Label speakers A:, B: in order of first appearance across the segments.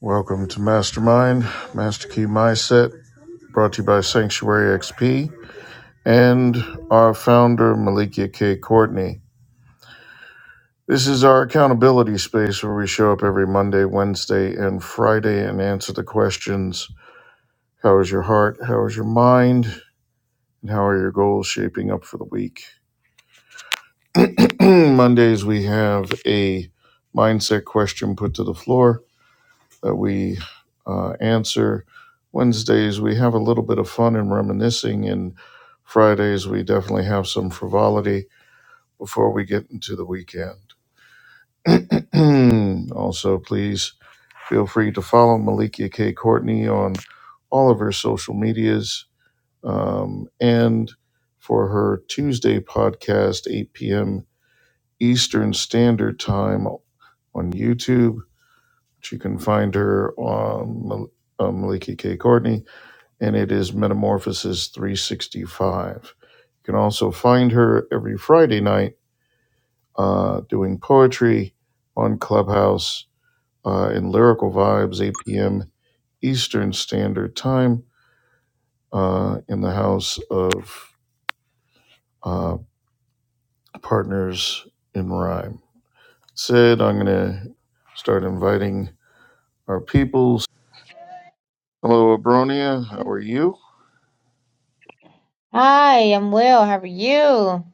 A: Welcome to Mastermind, Master Key Mindset, brought to you by Sanctuary XP and our founder, Malikia K. Courtney. This is our accountability space where we show up every Monday, Wednesday, and Friday and answer the questions How is your heart? How is your mind? And how are your goals shaping up for the week? Mondays, we have a mindset question put to the floor that we uh, answer. Wednesdays, we have a little bit of fun and reminiscing, and Fridays, we definitely have some frivolity before we get into the weekend. also, please feel free to follow Malikia K. Courtney on all of her social medias um, and for her Tuesday podcast, 8 p.m. Eastern Standard Time on YouTube you can find her on uh, Maliki K. Courtney, and it is Metamorphosis 365. You can also find her every Friday night uh, doing poetry on Clubhouse uh, in Lyrical Vibes, 8 p.m. Eastern Standard Time uh, in the house of uh, Partners in Rhyme. Sid, I'm going to start inviting our peoples. Hello, Abronia. How are you?
B: Hi, I'm well. How are you?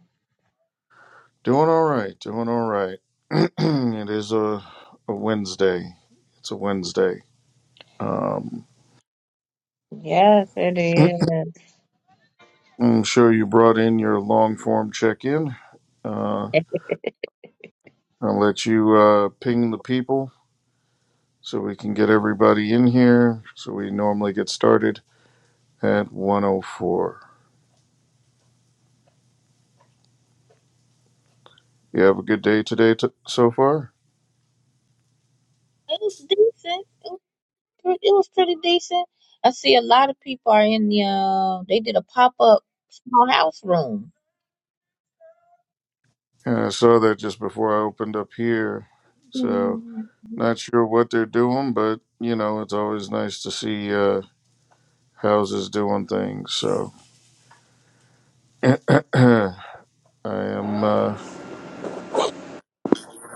A: Doing all right, doing all right. it is a, a Wednesday. It's a Wednesday. Um,
B: Yes, it is.
A: I'm sure you brought in your long form check in. Uh, I'll let you uh, ping the people so we can get everybody in here. So we normally get started at 104. You have a good day today t- so far?
B: It was decent. It was, pre- it was pretty decent. I see a lot of people are in the. Uh, they did a pop up small house room.
A: Yeah, I saw that just before I opened up here. So
B: Mm.
A: not sure what they're doing, but you know it's always nice to see. Uh, houses doing things. So I am uh,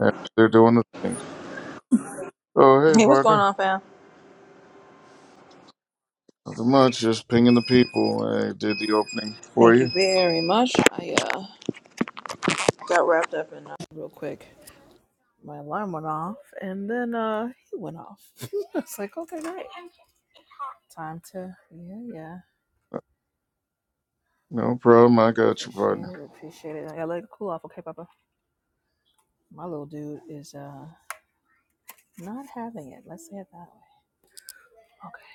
A: happy they're doing the things. Oh, hey,
C: Hey, what's going
A: partner.
C: on, fam?
A: Nothing much. Just pinging the people. I did the opening for
C: Thank you
A: you.
C: very much. I uh, got wrapped up in uh, real quick. My alarm went off, and then uh, he went off. It's like, okay, great. Time to, yeah, yeah.
A: No problem. I got you,
C: Appreciate
A: partner.
C: it, appreciate it. I gotta let it cool off, okay, Papa? My little dude is uh not having it. Let's say it that way. Okay.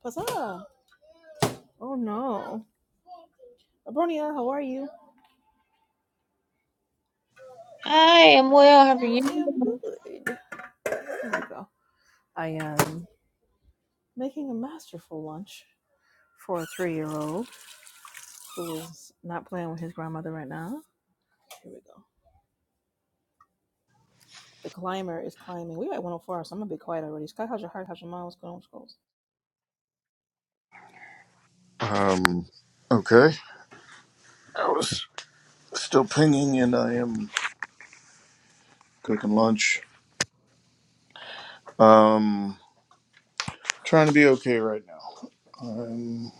C: What's up? Oh no, Abronia, how are you?
B: Hi, I'm well. How are
C: I am
B: you?
C: good. There we go. I am making a masterful lunch for a three-year-old who is not playing with his grandmother right now. Here we go. The climber is climbing. We're at 104, so I'm gonna be quiet already. Sky, how's your heart? How's your mind? What's going on? What's going on?
A: Um, okay. I was still pinging, and I am cooking lunch. Um, trying to be okay right now. I'm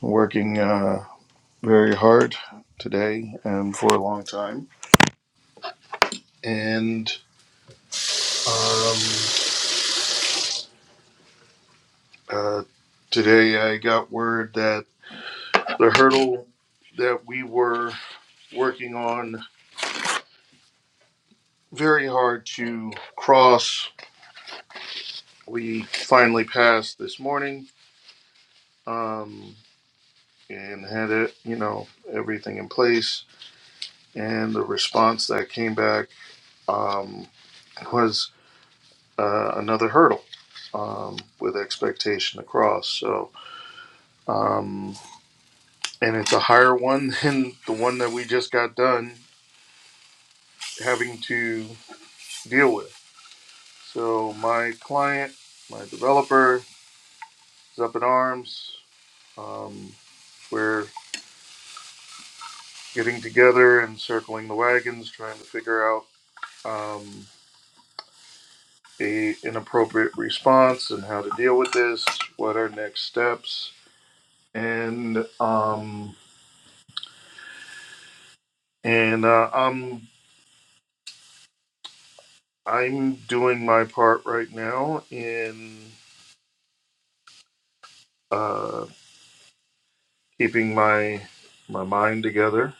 A: working uh, very hard today and for a long time, and. um. Uh, today I got word that the hurdle that we were working on very hard to cross, we finally passed this morning um, and had it, you know, everything in place. And the response that came back um, was uh, another hurdle um, with expectation to cross. So, um, and it's a higher one than the one that we just got done having to deal with. So my client, my developer, is up in arms. Um, we're getting together and circling the wagons, trying to figure out um, a an appropriate response and how to deal with this. What are next steps? And um, and uh, I'm I'm doing my part right now in uh, keeping my my mind together,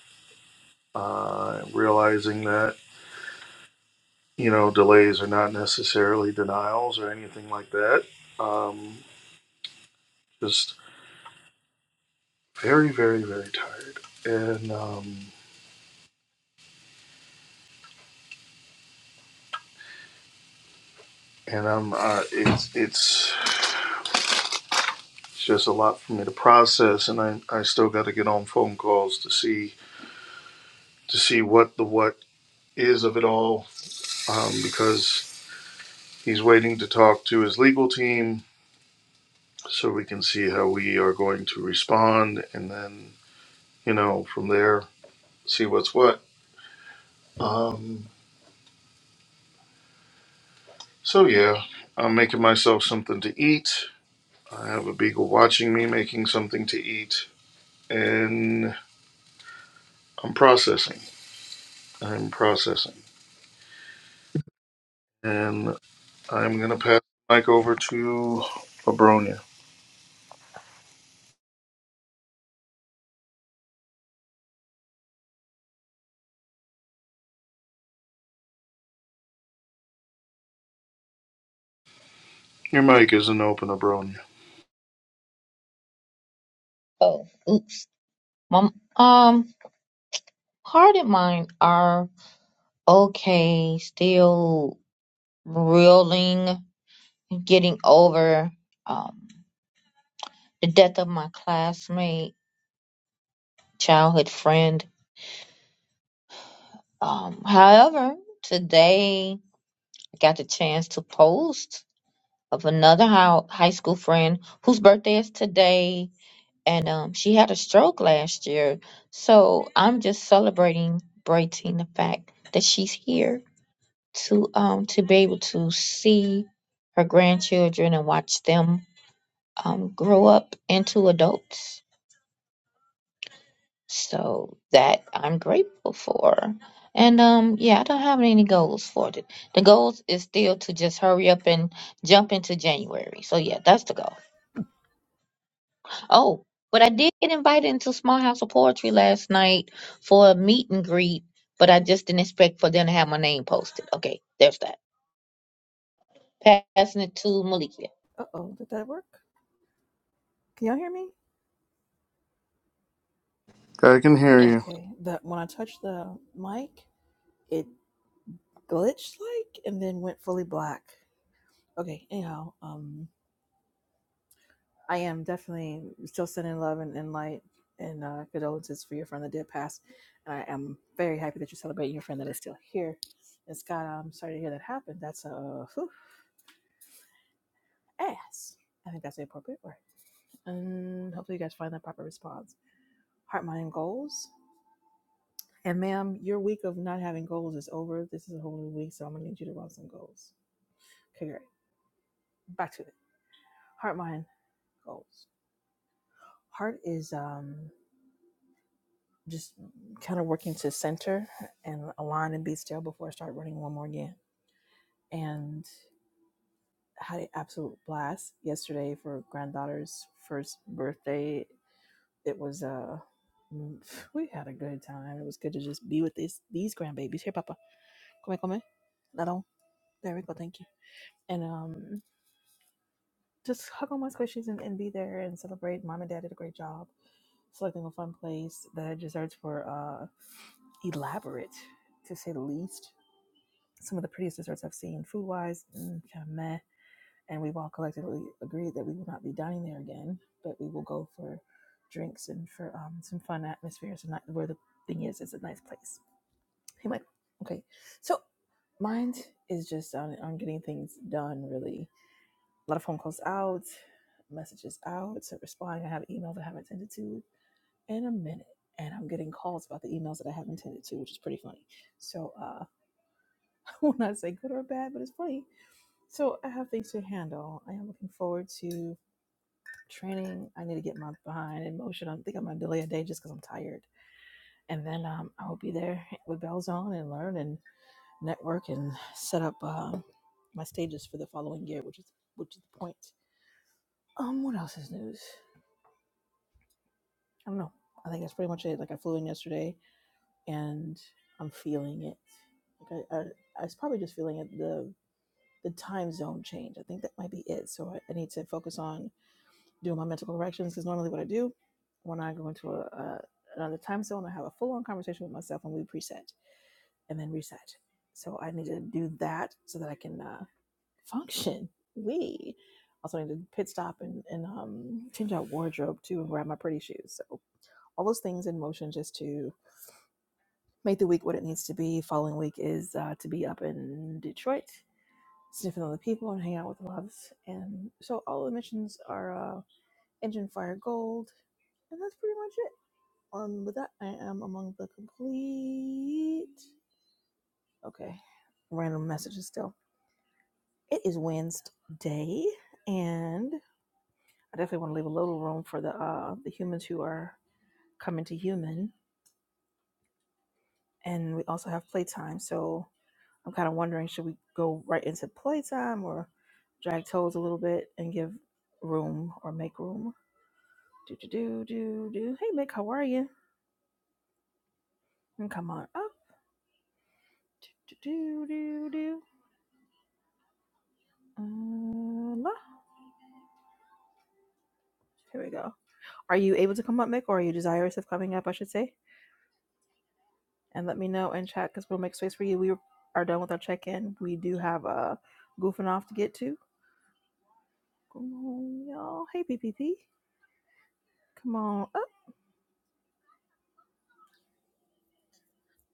A: uh, realizing that. you know, delays are not necessarily denials or anything like that. Um, just very, very, very tired, and um, and I'm uh, it's it's just a lot for me to process, and I I still got to get on phone calls to see to see what the what is of it all, um, because he's waiting to talk to his legal team so we can see how we are going to respond, and then you know from there see what's what. Um, So yeah, I'm making myself something to eat. I have a beagle watching me making something to eat, and I'm processing. I'm processing, and I'm gonna pass the mic over to Abronia. Your mic isn't open, Abronia.
B: Oh, oops. My um, part of mine are okay. Still reeling, getting over um the death of my classmate, childhood friend. Um, however, today I got the chance to post of another high, high school friend whose birthday is today, and um, she had a stroke last year. So I'm just celebrating, brating the fact that she's here to um to be able to see her grandchildren and watch them um grow up into adults. So that I'm grateful for. And um yeah, I don't have any goals for it. The goals is still to just hurry up and jump into January. So yeah, that's the goal. Oh, but I did get invited into Small House of Poetry last night for a meet and greet, but I just didn't expect for them to have my name posted. Okay, there's that. Passing it to Malikia.
C: Uh oh, did that work? Can y'all hear me?
A: I can hear
B: If
A: you.
C: Okay. That when I touched the mic, it glitched like and then went fully black. Okay, anyhow, um I am definitely still sending love and, and light and uh, condolences for your friend that did pass. And I am very happy that you're celebrating your friend that is still here. And Scott, I'm sorry to hear that happened. That's a whew, ass. I think that's the appropriate word. And hopefully, you guys find that proper response. Heart, mind, and goals. And ma'am, your week of not having goals is over. This is a whole new week, so I'm gonna need you to run some goals. Okay, great. Back to it. Heart, mind, goals. Heart is um just kind of working to center and align and be still before I start running one more again. And I had an absolute blast yesterday for granddaughter's first birthday. It was uh mm, we had a good time. It was good to just be with these these grandbabies. Here, Papa, come here, come here. Little, there we go. Thank you. And um, just hug on my squishies and, and be there and celebrate. Mom and Dad did a great job selecting a fun place. The desserts for uh elaborate, to say the least some of the prettiest desserts I've seen food wise, mm, kind of meh. And we've all collectively agreed that we will not be dining there again, but we will go for drinks and for um, some fun atmospheres and that where the thing is, it's a nice place. Hey, Mike. Okay. So mine is just on, on getting things done, really. A lot of phone calls out, messages out, so responding. I have emails I haven't attended to in a minute. And I'm getting calls about the emails that I haven't attended to, which is pretty funny. So uh, I will not say good or bad, but it's funny So I have things to handle. I am looking forward to training. I need to get my behind in motion. I think I'm gonna delay a day just because I'm tired, and then um, I will be there with bells on and learn and network and set up um, my stages for the following year, which is which is the point. Um, what else is news? I don't know. I think that's pretty much it. Like I flew in yesterday, and I'm feeling it. Like I, I, I was probably just feeling it. The the time zone change. I think that might be it. So I, I need to focus on do my mental corrections is normally what I do when I go into a, a another time zone. I have a full on conversation with myself and we preset and then reset. So I need to do that so that I can uh, function. We also need to pit stop and, and um, change out wardrobe too and grab my pretty shoes. So all those things in motion just to make the week what it needs to be. Following week is uh, to be up in Detroit, sniffing other people and hang out with loves. And so all the missions are. uh, Engine Fire Gold, and that's pretty much it. Um, with that, I am among the complete. Okay, random messages still. It is Wednesday, and I definitely want to leave a little room for the uh, the humans who are coming to human, and we also have playtime. So I'm kind of wondering, should we go right into playtime or drag toes a little bit and give room or make room? Do do do do do. Hey, Mick, how are you? And come on up. Do, do, do, do. Uh, Here we go. Are you able to come up, Mick, or are you desirous of coming up, I should say? And let me know in chat because we'll make space for you. We are done with our check in. We do have a goofing off to get to. Come on, y'all. Hey, P P P. Come on up.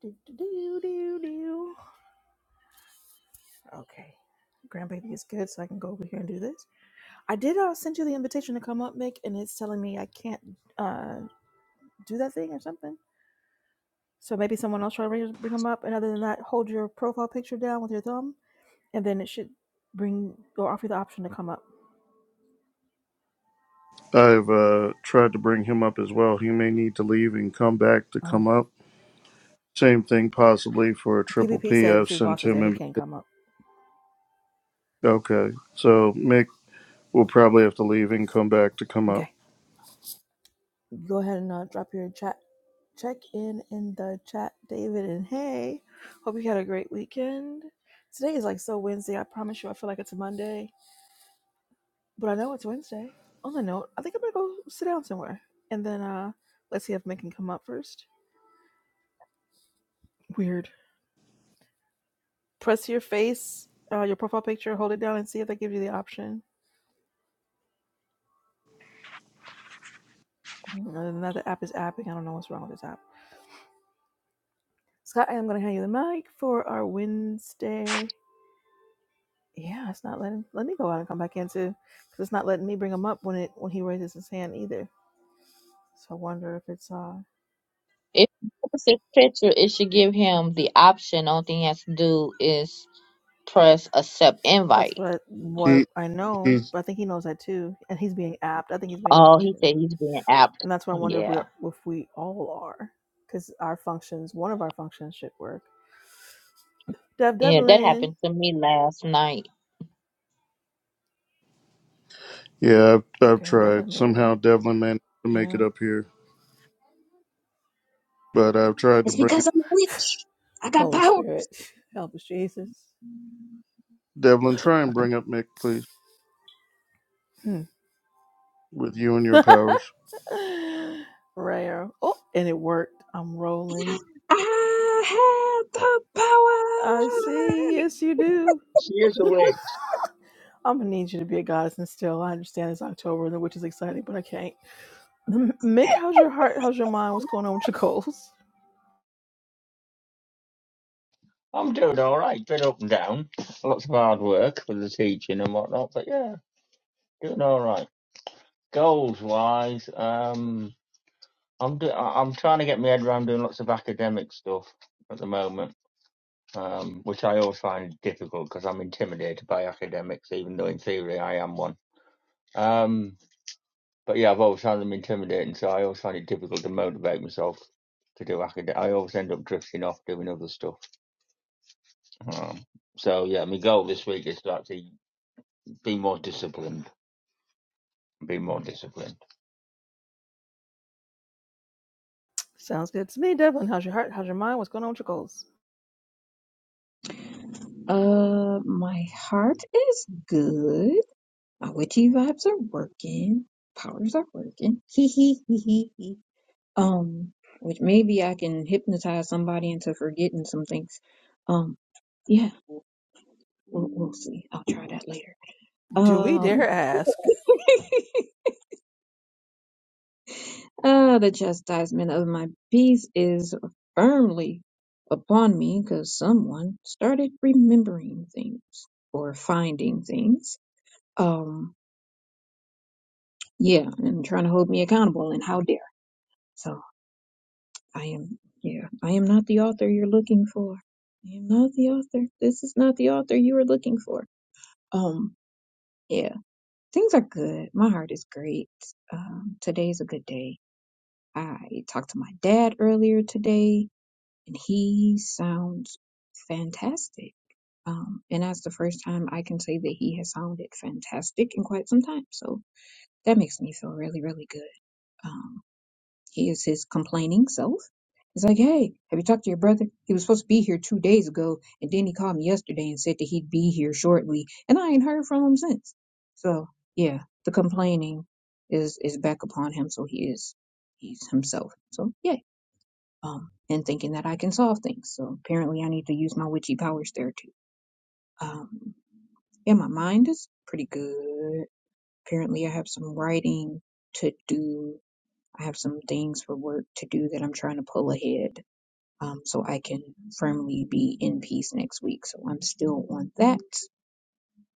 C: Do, do, do, do, do. Okay. Grandbaby is good, so I can go over here and do this. I did uh, send you the invitation to come up, Mick, and it's telling me I can't uh, do that thing or something. So maybe someone else try to bring, them up. And other than that, hold your profile picture down with your thumb, and then it should bring or offer you the option to come up.
A: I've uh, tried to bring him up as well. He may need to leave and come back to come
C: Oh,
A: up. Same thing possibly for a triple
C: PPP
A: P.
C: says
A: I've
C: his boss
A: sent
C: is
A: him
C: there. He
A: in.
C: can't come up.
A: Okay, so Mick will probably have to leave and come back to come up.
C: Okay. Go ahead and uh, drop your chat. Check in in the chat, David. And hey, hope you had a great weekend. Today is like so Wednesday. I promise you, I feel like it's a Monday, but I know it's Wednesday. On the note, I think I'm gonna go sit down somewhere, and then uh, let's see if Megan can come up first. Weird. press your face, uh, your profile picture, hold it down, and see if they give you the option. Mm, now the app is apping. I don't know what's wrong with this app. Scott, I am going to hand you the mic for our Wednesday. Yeah, it's not letting. Let me go out and come back in too, because it's not letting me bring him up when it when he raises his hand either. So I wonder if it's uh
B: if you post his picture, it should give him the option. Only thing he has to do is press accept
C: that's
B: invite
C: what I, what
A: He
C: I
A: he
C: know, but I think he knows that too, and he's being apt. I think he's being apt
B: Oh, he
C: too,
B: said he's being apt.
C: and that's why I wonder if we're
B: Yeah.
C: if we all are, because our functions, one of our functions should work. Dev
B: Yeah, that
C: Devlin,
B: happened to me last night.
A: Yeah, I've, I've
C: Okay,
A: tried.
C: definitely made
A: Somehow
C: up.
A: Devlin managed to make it
C: Mm.
A: up here, but I've tried to
D: It's
A: bring up
D: because I'm a witch. I got
C: Holy
D: power.
C: Spirit, help us, Jesus.
A: Devlin. Try and bring up Mick, please,
C: Hmm.
A: with you and your powers.
C: Rare. Oh, and it worked. I'm rolling.
D: I have the
C: I see. Yes, you do.
E: She is awake.
C: I'm gonna need you to be a goddess and still. I understand it's October, which is exciting, but I can't. M- Mick, how's your heart? How's your mind? What's going on with your goals?
E: I'm doing all right. Been up and down. Lots of hard work with the teaching and whatnot, but yeah, doing all right. Goals wise, um, I'm do- I- I'm trying to get my head around doing lots of academic stuff at the moment, um, which I always find difficult because I'm intimidated by academics, even though in theory I am one. Um, but yeah, I've always found them intimidating, so I always find it difficult to motivate myself to do academic. I always end up drifting off doing other stuff. Um, so yeah, my goal this week is to actually Be more disciplined. Be more disciplined.
C: Sounds good to me, Devlin. How's your heart? How's your mind? What's going on with your goals?
D: power. Uh, my heart is good. My witchy vibes are working. Powers are working. Hee hee hee hee hee. Um, which maybe I can hypnotize somebody into forgetting some things. Um, yeah, we'll, we'll see. I'll try that later.
C: Do we dare
D: Um,
C: ask?
D: Ah, the chastisement of my peace is firmly upon me because someone started remembering things or finding things. Um, yeah, and trying to hold me accountable, and how dare. So I am, yeah, I am not the author you're looking for. I am not the author. This is not the author you are looking for. Um, yeah, things are good. My heart is great. Um, today's a good day. I talked to my dad earlier today and he sounds fantastic. Um, and that's the first time I can say that he has sounded fantastic in quite some time. So that makes me feel really, really good. Um, he is his complaining self. He's like, hey, have you talked to your brother? He was supposed to be here two days ago, and then he called me yesterday and said that he'd be here shortly, and I ain't heard from him since. So yeah, the complaining is is back upon him. So he is he's himself. So yay um, and thinking that I can solve things. So apparently, I need to use my witchy powers there too. Um, yeah, my mind is pretty good. Apparently, I have some writing to do. I have some things for work to do that I'm trying to pull ahead, um, so I can firmly be in peace next week. So I'm still on that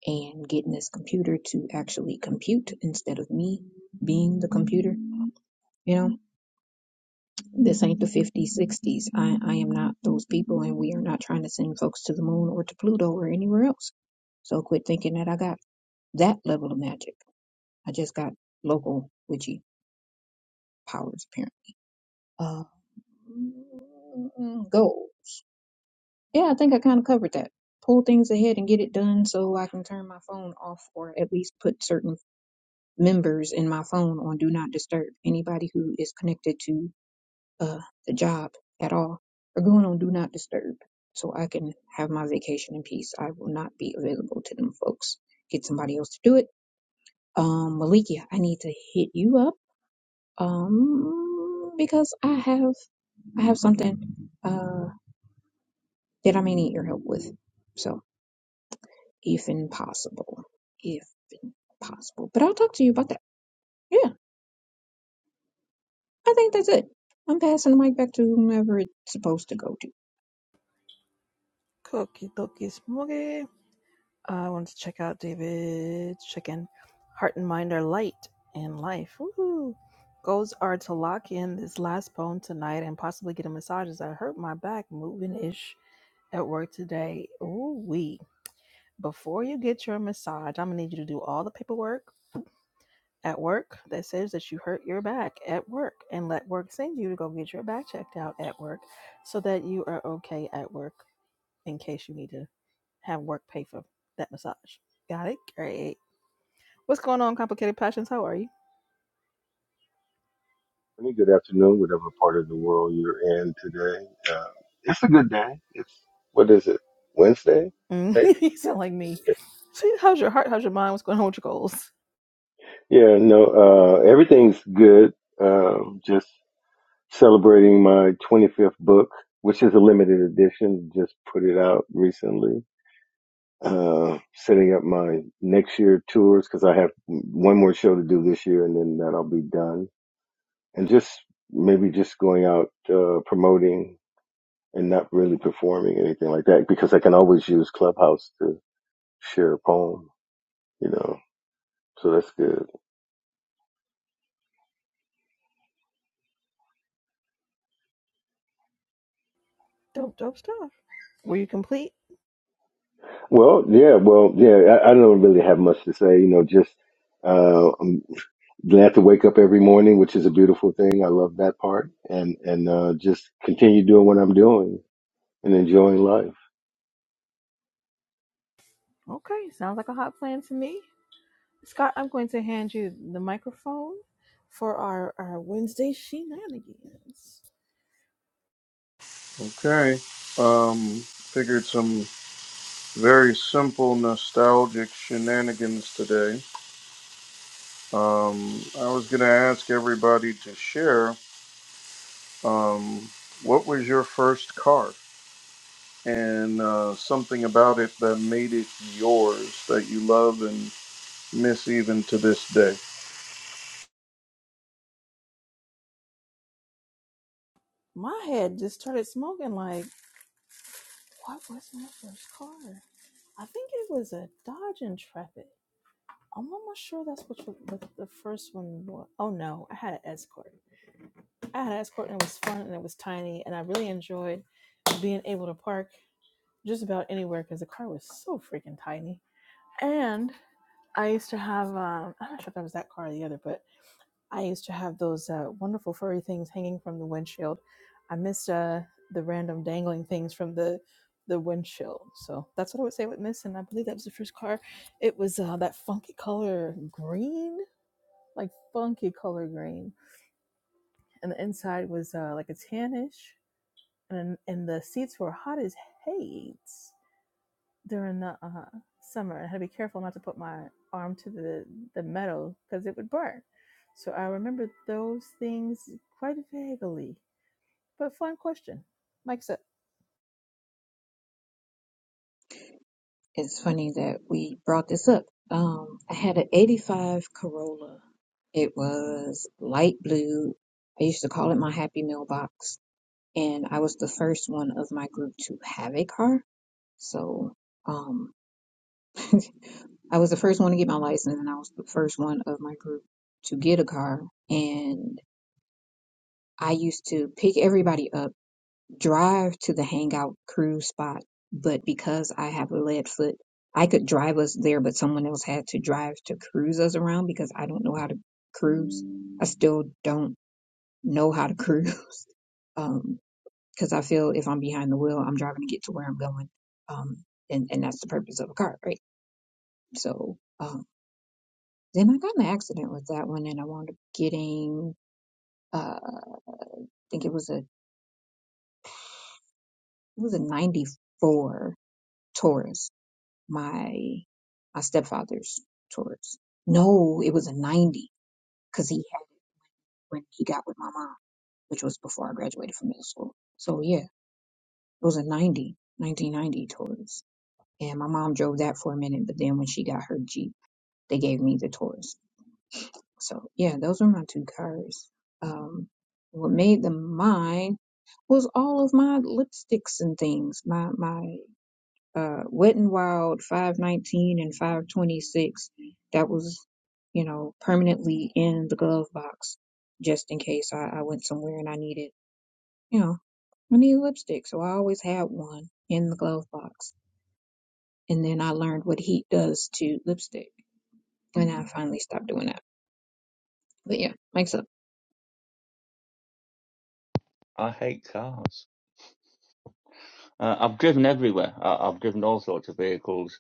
D: and getting this computer to actually compute instead of me being the computer. You know This ain't the 50s, 60s. I, I am not those people, and we are not trying to send folks to the moon or to Pluto or anywhere else. So quit thinking that I got that level of magic. I just got local witchy powers, apparently. Uh, mm, goals. Yeah, I think I kind of covered that. Pull things ahead and get it done so I can turn my phone off or at least put certain members in my phone on do not disturb. Anybody who is connected to uh, the job at all are going on do not disturb so I can have my vacation in peace. I will not be available to them folks. Get somebody else to do it. Um, Malikia, I need to hit you up. Um, because I have, I have something, uh, that I may need your help with. So if possible, if possible, but I'll talk to you about that. Yeah, I think that's it. I'm passing the mic back to whomever it's supposed to go to.
C: Cookie, cookie, smoggy. I wanted to check out David's chicken. Heart and mind are light and life. Woohoo! Goals are to lock in this last poem tonight and possibly get a massage as I hurt my back moving ish at work today. Ooh wee. Before you get your massage, I'm gonna need you to do all the paperwork at work that says that you hurt your back at work and let work send you to go get your back checked out at work so that you are okay at work in case you need to have work pay for that massage. Got it? Great. What's going on, complicated passions? How are you?
F: morning, good afternoon, whatever part of the world you're in today. Uh, it's a good day. It's what is it? Wednesday,
C: Mm,
F: maybe.
C: you sound like
F: Yeah,
C: me.
F: it is.
C: See, how's your heart? How's your mind? What's going on with your goals?
F: Yeah, no, uh, everything's good. Um, just celebrating my 25th book, which is a limited edition. Just put it out recently. Uh, setting up my next year tours because I have one more show to do this year, and then that'll be done. And just maybe just going out uh, promoting. and not really performing anything like that because I can always use Clubhouse to share a poem, you know. So that's good.
C: Dope, dope stuff. Were you complete?
F: Well, yeah, well, yeah, I, I don't really have much to say, you know, just uh, I'm glad to wake up every morning, which is a beautiful thing. I love that part and, and, uh, just continue doing what I'm doing and enjoying life.
C: Okay, sounds like a hot plan to me. Scott, I'm going to hand you the microphone for our, our Wednesday shenanigans.
A: Okay. Um, figured some very simple nostalgic shenanigans today. Um, I was gonna ask everybody to share. Um, what was your first car and uh, something about it that made it yours that you love and miss even to this day?
C: My head just started smoking like What was my first car? I think it was a Dodge Intrepid. I'm almost sure that's what the, the the first one was. Oh no, I had an Escort. I had an Escort and it was fun and it was tiny and I really enjoyed being able to park just about anywhere because the car was so freaking tiny. And I used to have, um, I'm not sure if that was that car or the other, but. I used to have those uh, wonderful furry things hanging from the windshield. I missed uh, the random dangling things from the the windshield. So that's what I would say with Miss. And I believe that was the first car. It was uh, that funky color green, like funky color green. And the inside was uh, like a tannish. And, and the seats were hot as hates during the uh, summer. I had to be careful not to put my arm to the, the metal because it would burn. So I remember those things quite vaguely. But fun question. Mike's up.
D: It's funny that we brought this up. Um, I had an 85 Corolla. It was light blue. I used to call it my happy mailbox. And I was the first one of my group to have a car. So, um, I was the first one to get my license and I was the first one of my group to get a car. And I used to pick everybody up drive to the hangout cruise spot, but because I have a lead foot, I could drive us there, but someone else had to drive to cruise us around because I don't know how to cruise. I still don't know how to cruise um, because I feel if I'm behind the wheel, I'm driving to get to where I'm going, um, and and that's the purpose of a car, right? So um, then I got in an accident with that one, and I wound up getting uh, I think it was a it was a '94 Taurus my my stepfather's Taurus. No, it was a 90 because he had when he got with my mom, which was before I graduated from middle school. So yeah, it was a 90, 1990 Taurus. And my mom drove that for a minute, but then when she got her Jeep, they gave me the Taurus. So yeah, those were my two cars. Um, what made them mine was all of my lipsticks and things. My my uh, Wet n Wild 519 and 526 that was, you know, permanently in the glove box just in case I, I went somewhere and I needed, you know, I needed lipstick. So I always had one in the glove box. And then I learned what heat does to lipstick. And I finally stopped doing that. But yeah, makes up.
E: I hate cars. Uh, I've driven everywhere. I, I've driven all sorts of vehicles,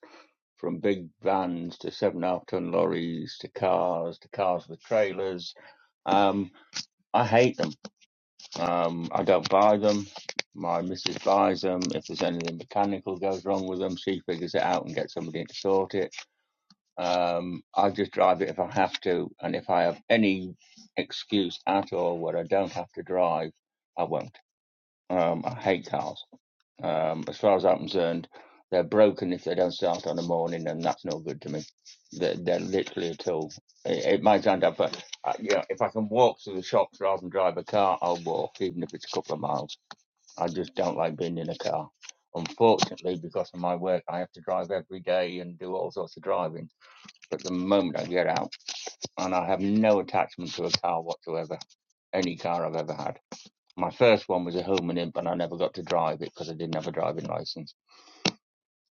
E: from big vans to seven and a half ton lorries to cars to cars with trailers. Um, I hate them. Um, I don't buy them. My missus buys them. If there's anything mechanical goes wrong with them, she figures it out and gets somebody to sort it. Um, I just drive it if I have to, and if I have any excuse at all where I don't have to drive, I won't. Um, I hate cars. Um, as far as I'm concerned, they're broken if they don't start on the morning, and that's no good to me. They're, they're literally a tool. It, it might end up, but uh, you know, if I can walk to the shops rather than drive a car, I'll walk, even if it's a couple of miles. I just don't like being in a car. Unfortunately, because of my work, I have to drive every day and do all sorts of driving. But the moment I get out, and I have no attachment to a car whatsoever, any car I've ever had my first one was a Hillman Imp, and I never got to drive it because I didn't have a driving license.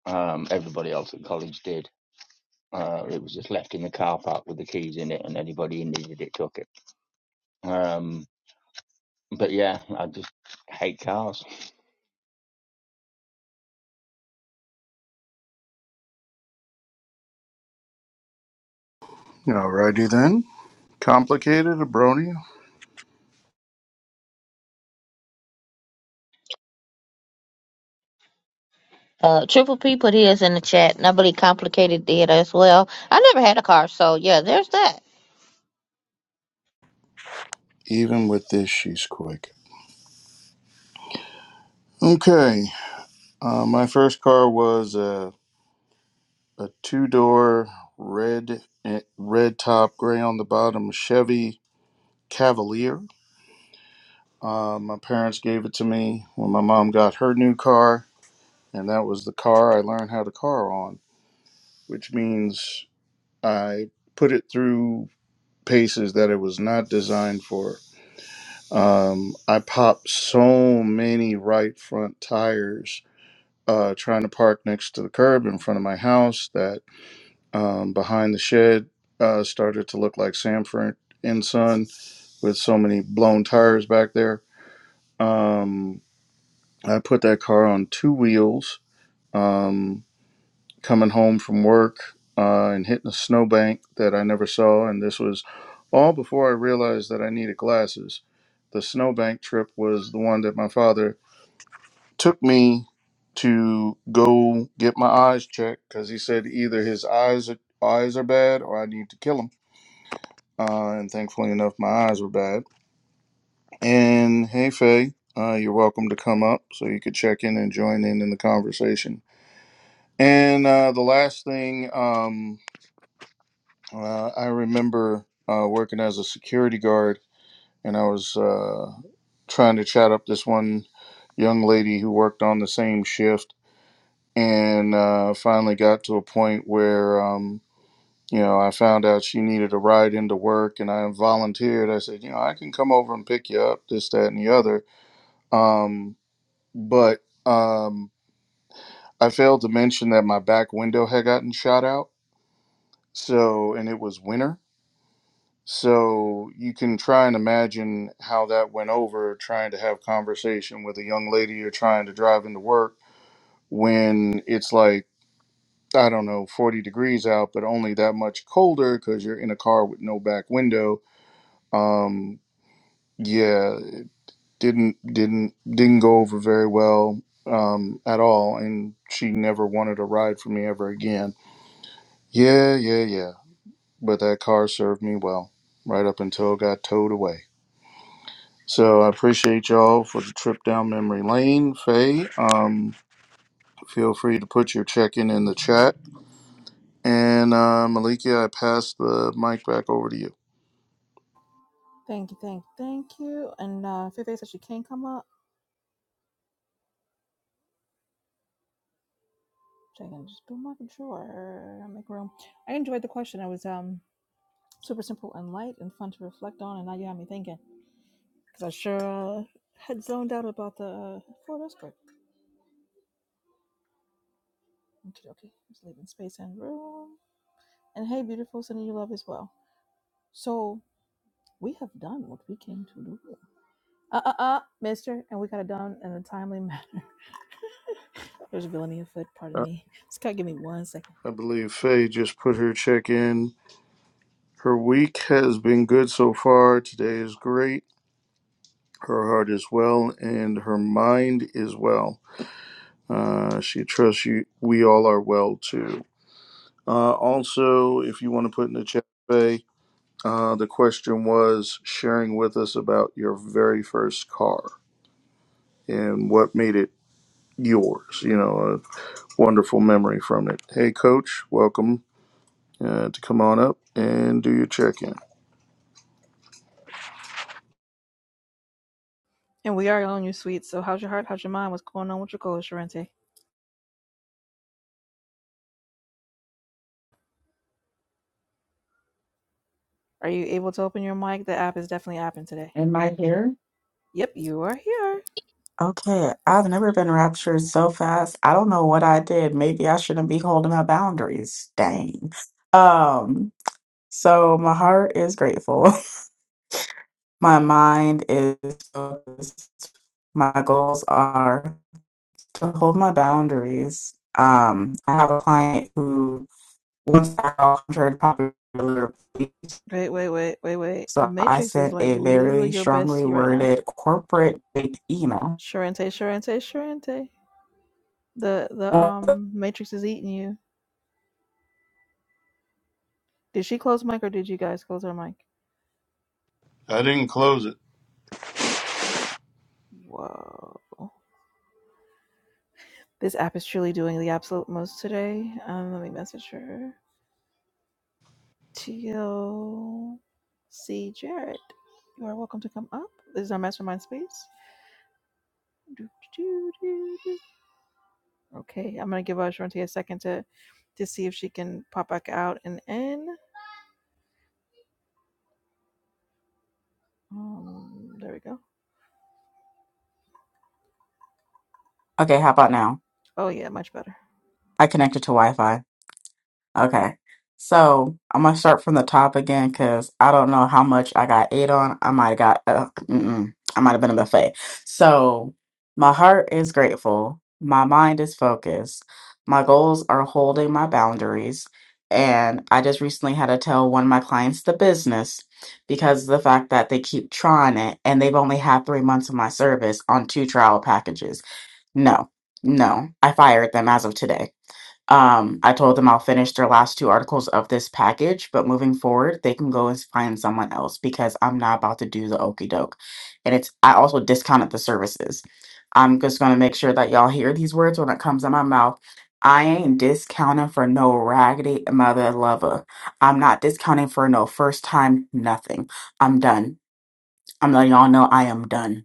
E: Um, everybody else at college did. Uh, it was just left in the car park with the keys in it, and anybody who needed it took it. Um, but yeah, I just hate cars.
A: Alrighty then. Complicated, a brony.
B: Uh, Triple P put his in the chat. and I believe Complicated did as well. I never had a car, so yeah, there's that.
A: Even with this, she's quick. Okay. Uh, my first car was a, a two door red eh, red top, gray on the bottom Chevy Cavalier. Uh, my parents gave it to me when my mom got her new car, and that was the car I learned how to car on, which means I put it through paces that it was not designed for. Um, I popped so many right front tires uh, trying to park next to the curb in front of my house that um, behind the shed uh, started to look like Sanford and Son with so many blown tires back there. Um, I put that car on two wheels um, coming home from work uh, and hitting a snowbank that I never saw. And this was all before I realized that I needed glasses. The snowbank trip was the one that my father took me to go get my eyes checked because he said either his eyes eyes are bad or I need to kill him. Uh, and thankfully enough, my eyes were bad. And hey, Faye, uh, you're welcome to come up so you could check in and join in in the conversation. And uh, the last thing, um, uh, I remember uh, working as a security guard, and I was uh, trying to chat up this one young lady who worked on the same shift and uh, finally got to a point where um, you know I found out she needed a ride into work, and I volunteered. I said, you know, I can come over and pick you up, this, that, and the other. Um, but um, I failed to mention that my back window had gotten shot out, so and it was winter. So you can try and imagine how that went over trying to have conversation with a young lady you're trying to drive into work when it's like I don't know, 40 degrees out, but only that much colder because you're in a car with no back window. Um, yeah, it didn't didn't didn't go over very well um, at all, and she never wanted a ride from me ever again. Yeah, yeah, yeah. But that car served me well right up until it got towed away. So I appreciate y'all for the trip down memory lane, Faye. Um, feel free to put your check in in the chat, and uh, Malikia, I pass the mic back over to you.
C: Thank you, thank you, thank you. And uh, if there's actually can come up, which I can just do my controller, make room. I enjoyed the question. It was um super simple and light and fun to reflect on, and now you have me thinking because I sure uh, had zoned out about the uh, Florida earthquake. Okay, okay, just leaving space and room. And hey, beautiful, sending you love as well. So we have done what we came to do. Uh uh uh, mister. And we got it done in a timely manner. There's villainy afoot, pardon me. Just gotta give me one second.
A: I believe Faye just put her check in. Her week has been good so far. Today is great. Her heart is well and her mind is well. Uh, she trusts you. We all are well too. Uh, also, if you want to put in the chat, Faye, uh, the question was sharing with us about your very first car and what made it yours. You know, a wonderful memory from it. Hey, Coach, welcome uh, to come on up and do your check in.
C: And we are on your suite. So how's your heart? How's your mind? What's going on with your goals, Sharente? Are you able to open your mic? The app is definitely apping today.
G: Am I here?
C: Yep, you are here.
G: Okay, I've never been raptured so fast. I don't know what I did. Maybe I shouldn't be holding my boundaries. Dang. Um, so my heart is grateful. My mind is focused. My goals are to hold my boundaries. Um, I have a client who wants to hundred popular belief,
C: Wait, wait, wait, wait, wait. The
G: so I
C: Matrix is
G: sent
C: like
G: a
C: literally
G: very
C: your
G: strongly
C: bestie right now.
G: worded corporate email.
C: Sharente, Sharente, Sharente. The the
G: Okay,
C: um Matrix is eating you. Did she close mic or did you guys close her mic?
A: I didn't close it.
C: Whoa. This app is truly doing the absolute most today. Um, let me message her. TLC Jarrett. You are welcome to come up. This is our mastermind space. do, do, do, do. Okay, I'm gonna give uh, Sharente a second to to see if she can pop back out and in. Um, there we go.
G: how about now?
C: Oh yeah, much better.
G: I connected to Wi Fi. Okay. So I'm going to start from the top again because I don't know how much I got ate on. I might have got, uh, mm-mm, I might have been a buffet. So my heart is grateful. My mind is focused. My goals are holding my boundaries. And I just recently had to tell one of my clients the business because of the fact that they keep trying it and they've only had three months of my service on two trial packages. No, no, I fired them as of today. Um, I told them I'll finish their last two articles of this package, but moving forward, they can go and find someone else because I'm not about to do the okey doke. And it's I also discounted the services. I'm just gonna make sure that y'all hear these words when it comes out my mouth. I ain't discounting for no raggedy mother lover. I'm not discounting for no first time nothing. I'm done. I'm letting y'all know I am done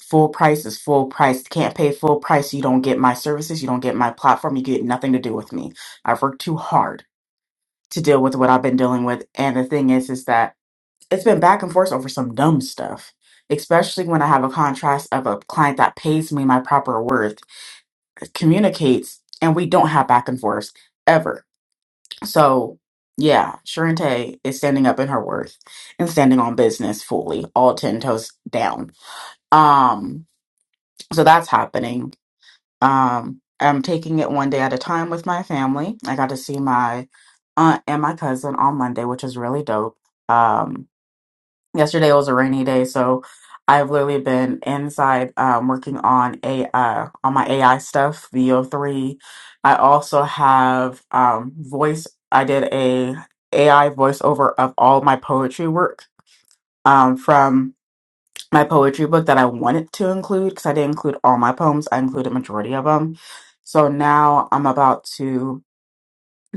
G: full price is full price. Can't pay full price. You don't get my services. You don't get my platform. You get nothing to do with me. I've worked too hard to deal with what I've been dealing with. And the thing is, is that it's been back and forth over some dumb stuff. Especially when I have a contrast of a client that pays me my proper worth, communicates, and we don't have back and forth ever. So yeah, Sharente is standing up in her worth and standing on business fully, all ten toes down. Um, so that's happening Um, I'm taking it one day at a time with my family. I got to see my aunt and my cousin on Monday, which is really dope. Um, yesterday was a rainy day, so I've literally been inside um, working on a uh, on my AI stuff, VO3. I also have um, voice. I did a AI voiceover of all my poetry work um, from my poetry book that I wanted to include because I didn't include all my poems. I included majority of them. So now I'm about to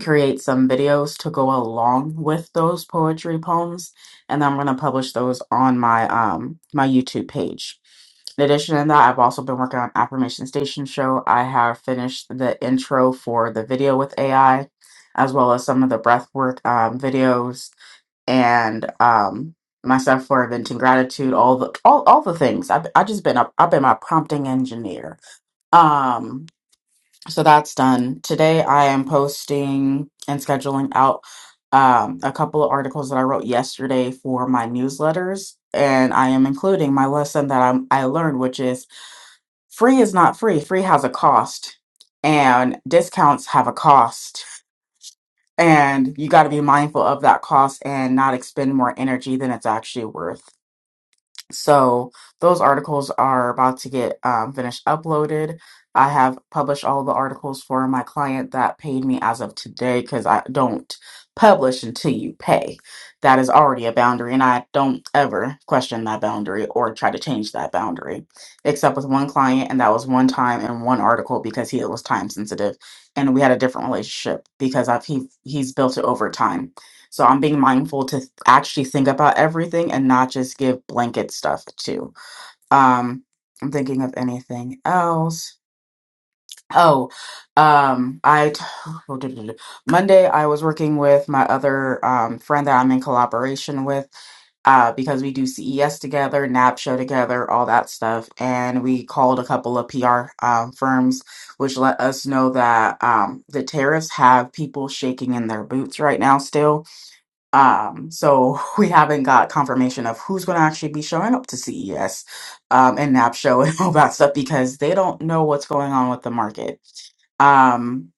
G: create some videos to go along with those poetry poems, and I'm going to publish those on my um my YouTube page. In addition to that, I've also been working on Affirmation Station Show. I have finished the intro for the video with AI, as well as some of the breathwork um, videos and um myself for inventing gratitude all the all, all the things I've, i just been up i've been my prompting engineer um so that's done today i am posting and scheduling out um a couple of articles that i wrote yesterday for my newsletters and i am including my lesson that I'm, i learned which is free is not free free has a cost and discounts have a cost and you got to be mindful of that cost and not expend more energy than it's actually worth. So those articles are about to get um, finished uploaded. I have published all the articles for my client that paid me as of today because I don't publish until you pay. That is already a boundary, and I don't ever question that boundary or try to change that boundary, except with one client, and that was one time in one article because he was time sensitive, and we had a different relationship because I've he he's built it over time so I'm being mindful to th- actually think about everything and not just give blanket stuff too. Um, I'm thinking of anything else. Oh, um, I t- Monday I was working with my other um, friend that I'm in collaboration with uh, because we do CES together, NAB show together, all that stuff. And we called a couple of PR um, firms, which let us know that um, the tariffs have people shaking in their boots right now still um, so we haven't got confirmation of who's going to actually be showing up to CES um, and NAP show and all that stuff because they don't know what's going on with the market. Um,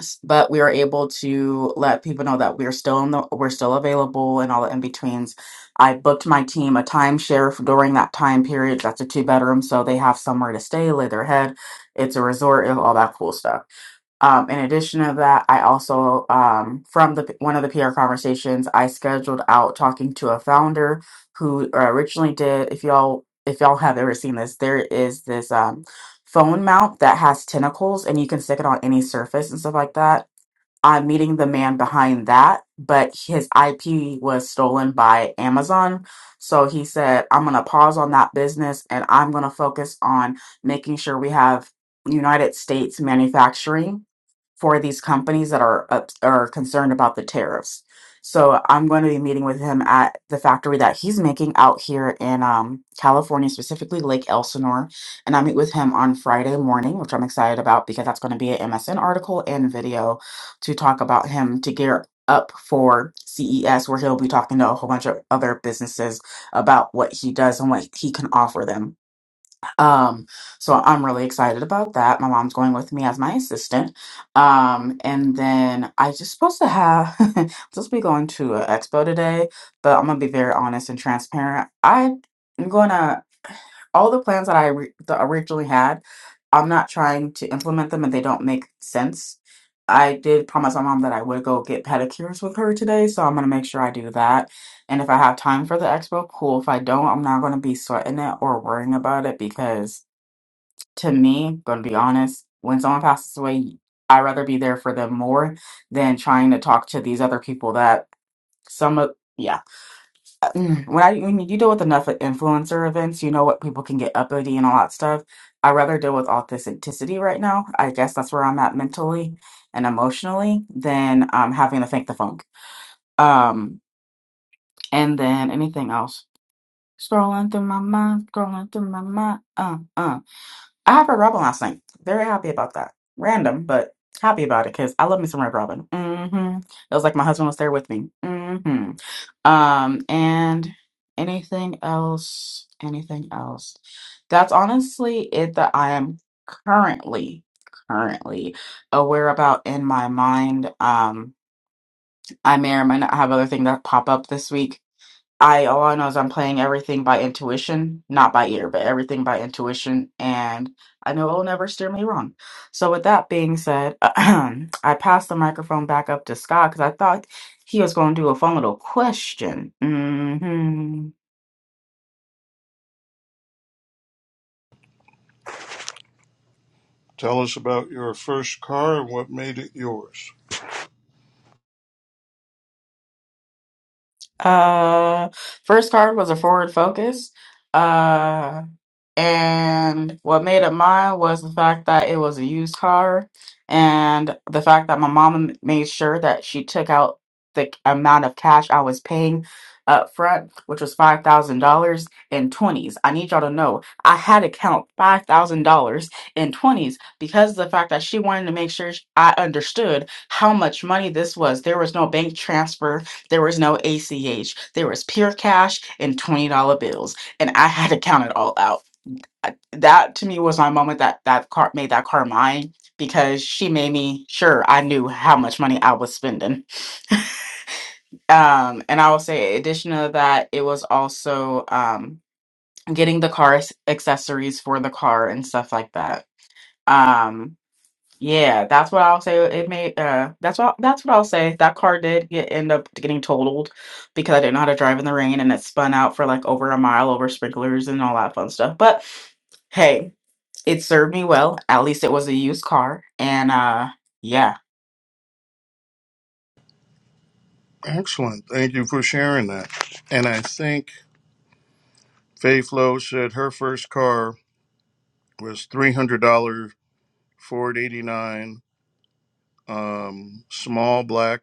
G: s- but we are able to let people know that we're still in the we're still available and all the in betweens. I booked my team a timeshare for during that time period. That's a two bedroom, so they have somewhere to stay, lay their head. It's a resort and all that cool stuff. Um, in addition to that, I also um, from the one of the PR conversations, I scheduled out talking to a founder who originally did. If y'all if y'all have ever seen this, there is this um, phone mount that has tentacles and you can stick it on any surface and stuff like that. I'm meeting the man behind that, but his IP was stolen by Amazon. So he said, I'm going to pause on that business and I'm going to focus on making sure we have United States manufacturing for these companies that are up, are concerned about the tariffs. So I'm going to be meeting with him at the factory that he's making out here in um, California, specifically Lake Elsinore. And I meet with him on Friday morning, which I'm excited about because that's going to be an MSN article and video to talk about him to gear up for CES, where he'll be talking to a whole bunch of other businesses about what he does and what he can offer them. Um, so I'm really excited about that. My mom's going with me as my assistant. Um, and then I just supposed to have I'm supposed to be going to an expo today, but I'm gonna be very honest and transparent. I'm gonna all the plans that I re- that I originally had. I'm not trying to implement them, and they don't make sense. I did promise my mom that I would go get pedicures with her today, so I'm gonna make sure I do that. And if I have time for the expo, cool. If I don't, I'm not gonna be sweating it or worrying about it because to me, gonna be honest, when someone passes away, I'd rather be there for them more than trying to talk to these other people that some of yeah. uh, Mm. When I when you deal with enough influencer events, you know what people can get uppity and all that stuff. I'd rather deal with authenticity right now. I guess that's where I'm at mentally and emotionally than um having to thank the funk. Um and then anything else. Scrolling through my mind, scrolling through my mind. Uh uh. I have a Robin last night. Very happy about that. Random, but happy about it because I love me some Red Robin. Mm-hmm. It was like my husband was there with me. Mm-hmm. Um, and anything else? Anything else? That's honestly it that I am currently currently aware about in my mind. Um, I may or may not have other things that pop up this week I all I know is I'm playing everything by intuition, not by ear, but everything by intuition, and I know it'll never steer me wrong. So with that being said, I passed the microphone back up to Scott because I thought he was going to do a fun little question. hmm
A: Tell us about your first car and what made it yours.
G: Uh, first card was a forward focus. Uh. And what made it mine was the fact that it was a used car and the fact that my mom made sure that she took out the amount of cash I was paying up front, which was $5,000 in 20s. I need y'all to know I had to count $5,000 in 20s because of the fact that she wanted to make sure sh- I understood how much money this was. There was no bank transfer, there was no ACH, there was pure cash and $20 bills, and I had to count it all out. I- that to me was my moment that that car made that car mine because she made me sure I knew how much money I was spending. Um, and I will say, in addition to that, it was also um, getting the car s- accessories for the car and stuff like that. Um, yeah, that's what I'll say. It made uh, that's what that's what I'll say. That car did get end up getting totaled because I didn't know how to drive in the rain and it spun out for like over a mile over sprinklers and all that fun stuff. But hey. It served me well. At least it was a used car, and, uh, yeah.
A: Excellent. Thank you for sharing that. And I think Faye Flo said her first car was $300 Ford 89, um, small black.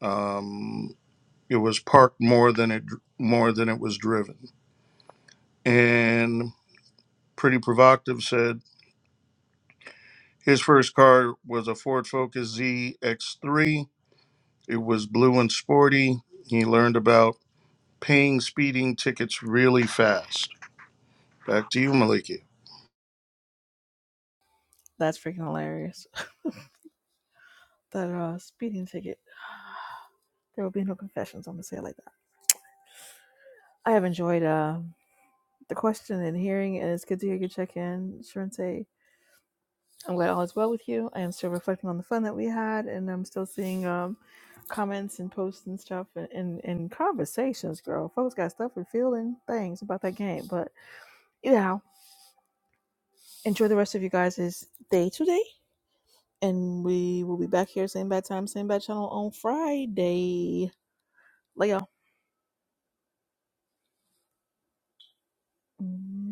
A: Um, it was parked more than it more than it was driven. And Pretty Provocative said his first car was a Ford Focus ZX3. It was blue and sporty. He learned about paying speeding tickets really fast. Back to you, Maliki.
C: That's freaking hilarious. That uh, speeding ticket. There will be no confessions. I'm gonna say it like that. I have enjoyed uh, the question and hearing, and it's good to hear you check in, Sharente. I'm glad all is well with you. I am still reflecting on the fun that we had, and I'm still seeing um, comments and posts and stuff and, and, and conversations, girl. Folks got stuff and feeling things about that game. But anyhow, enjoy the rest of you guys' day today, and we will be back here, same bad time, same bad channel on Friday. Lay Later.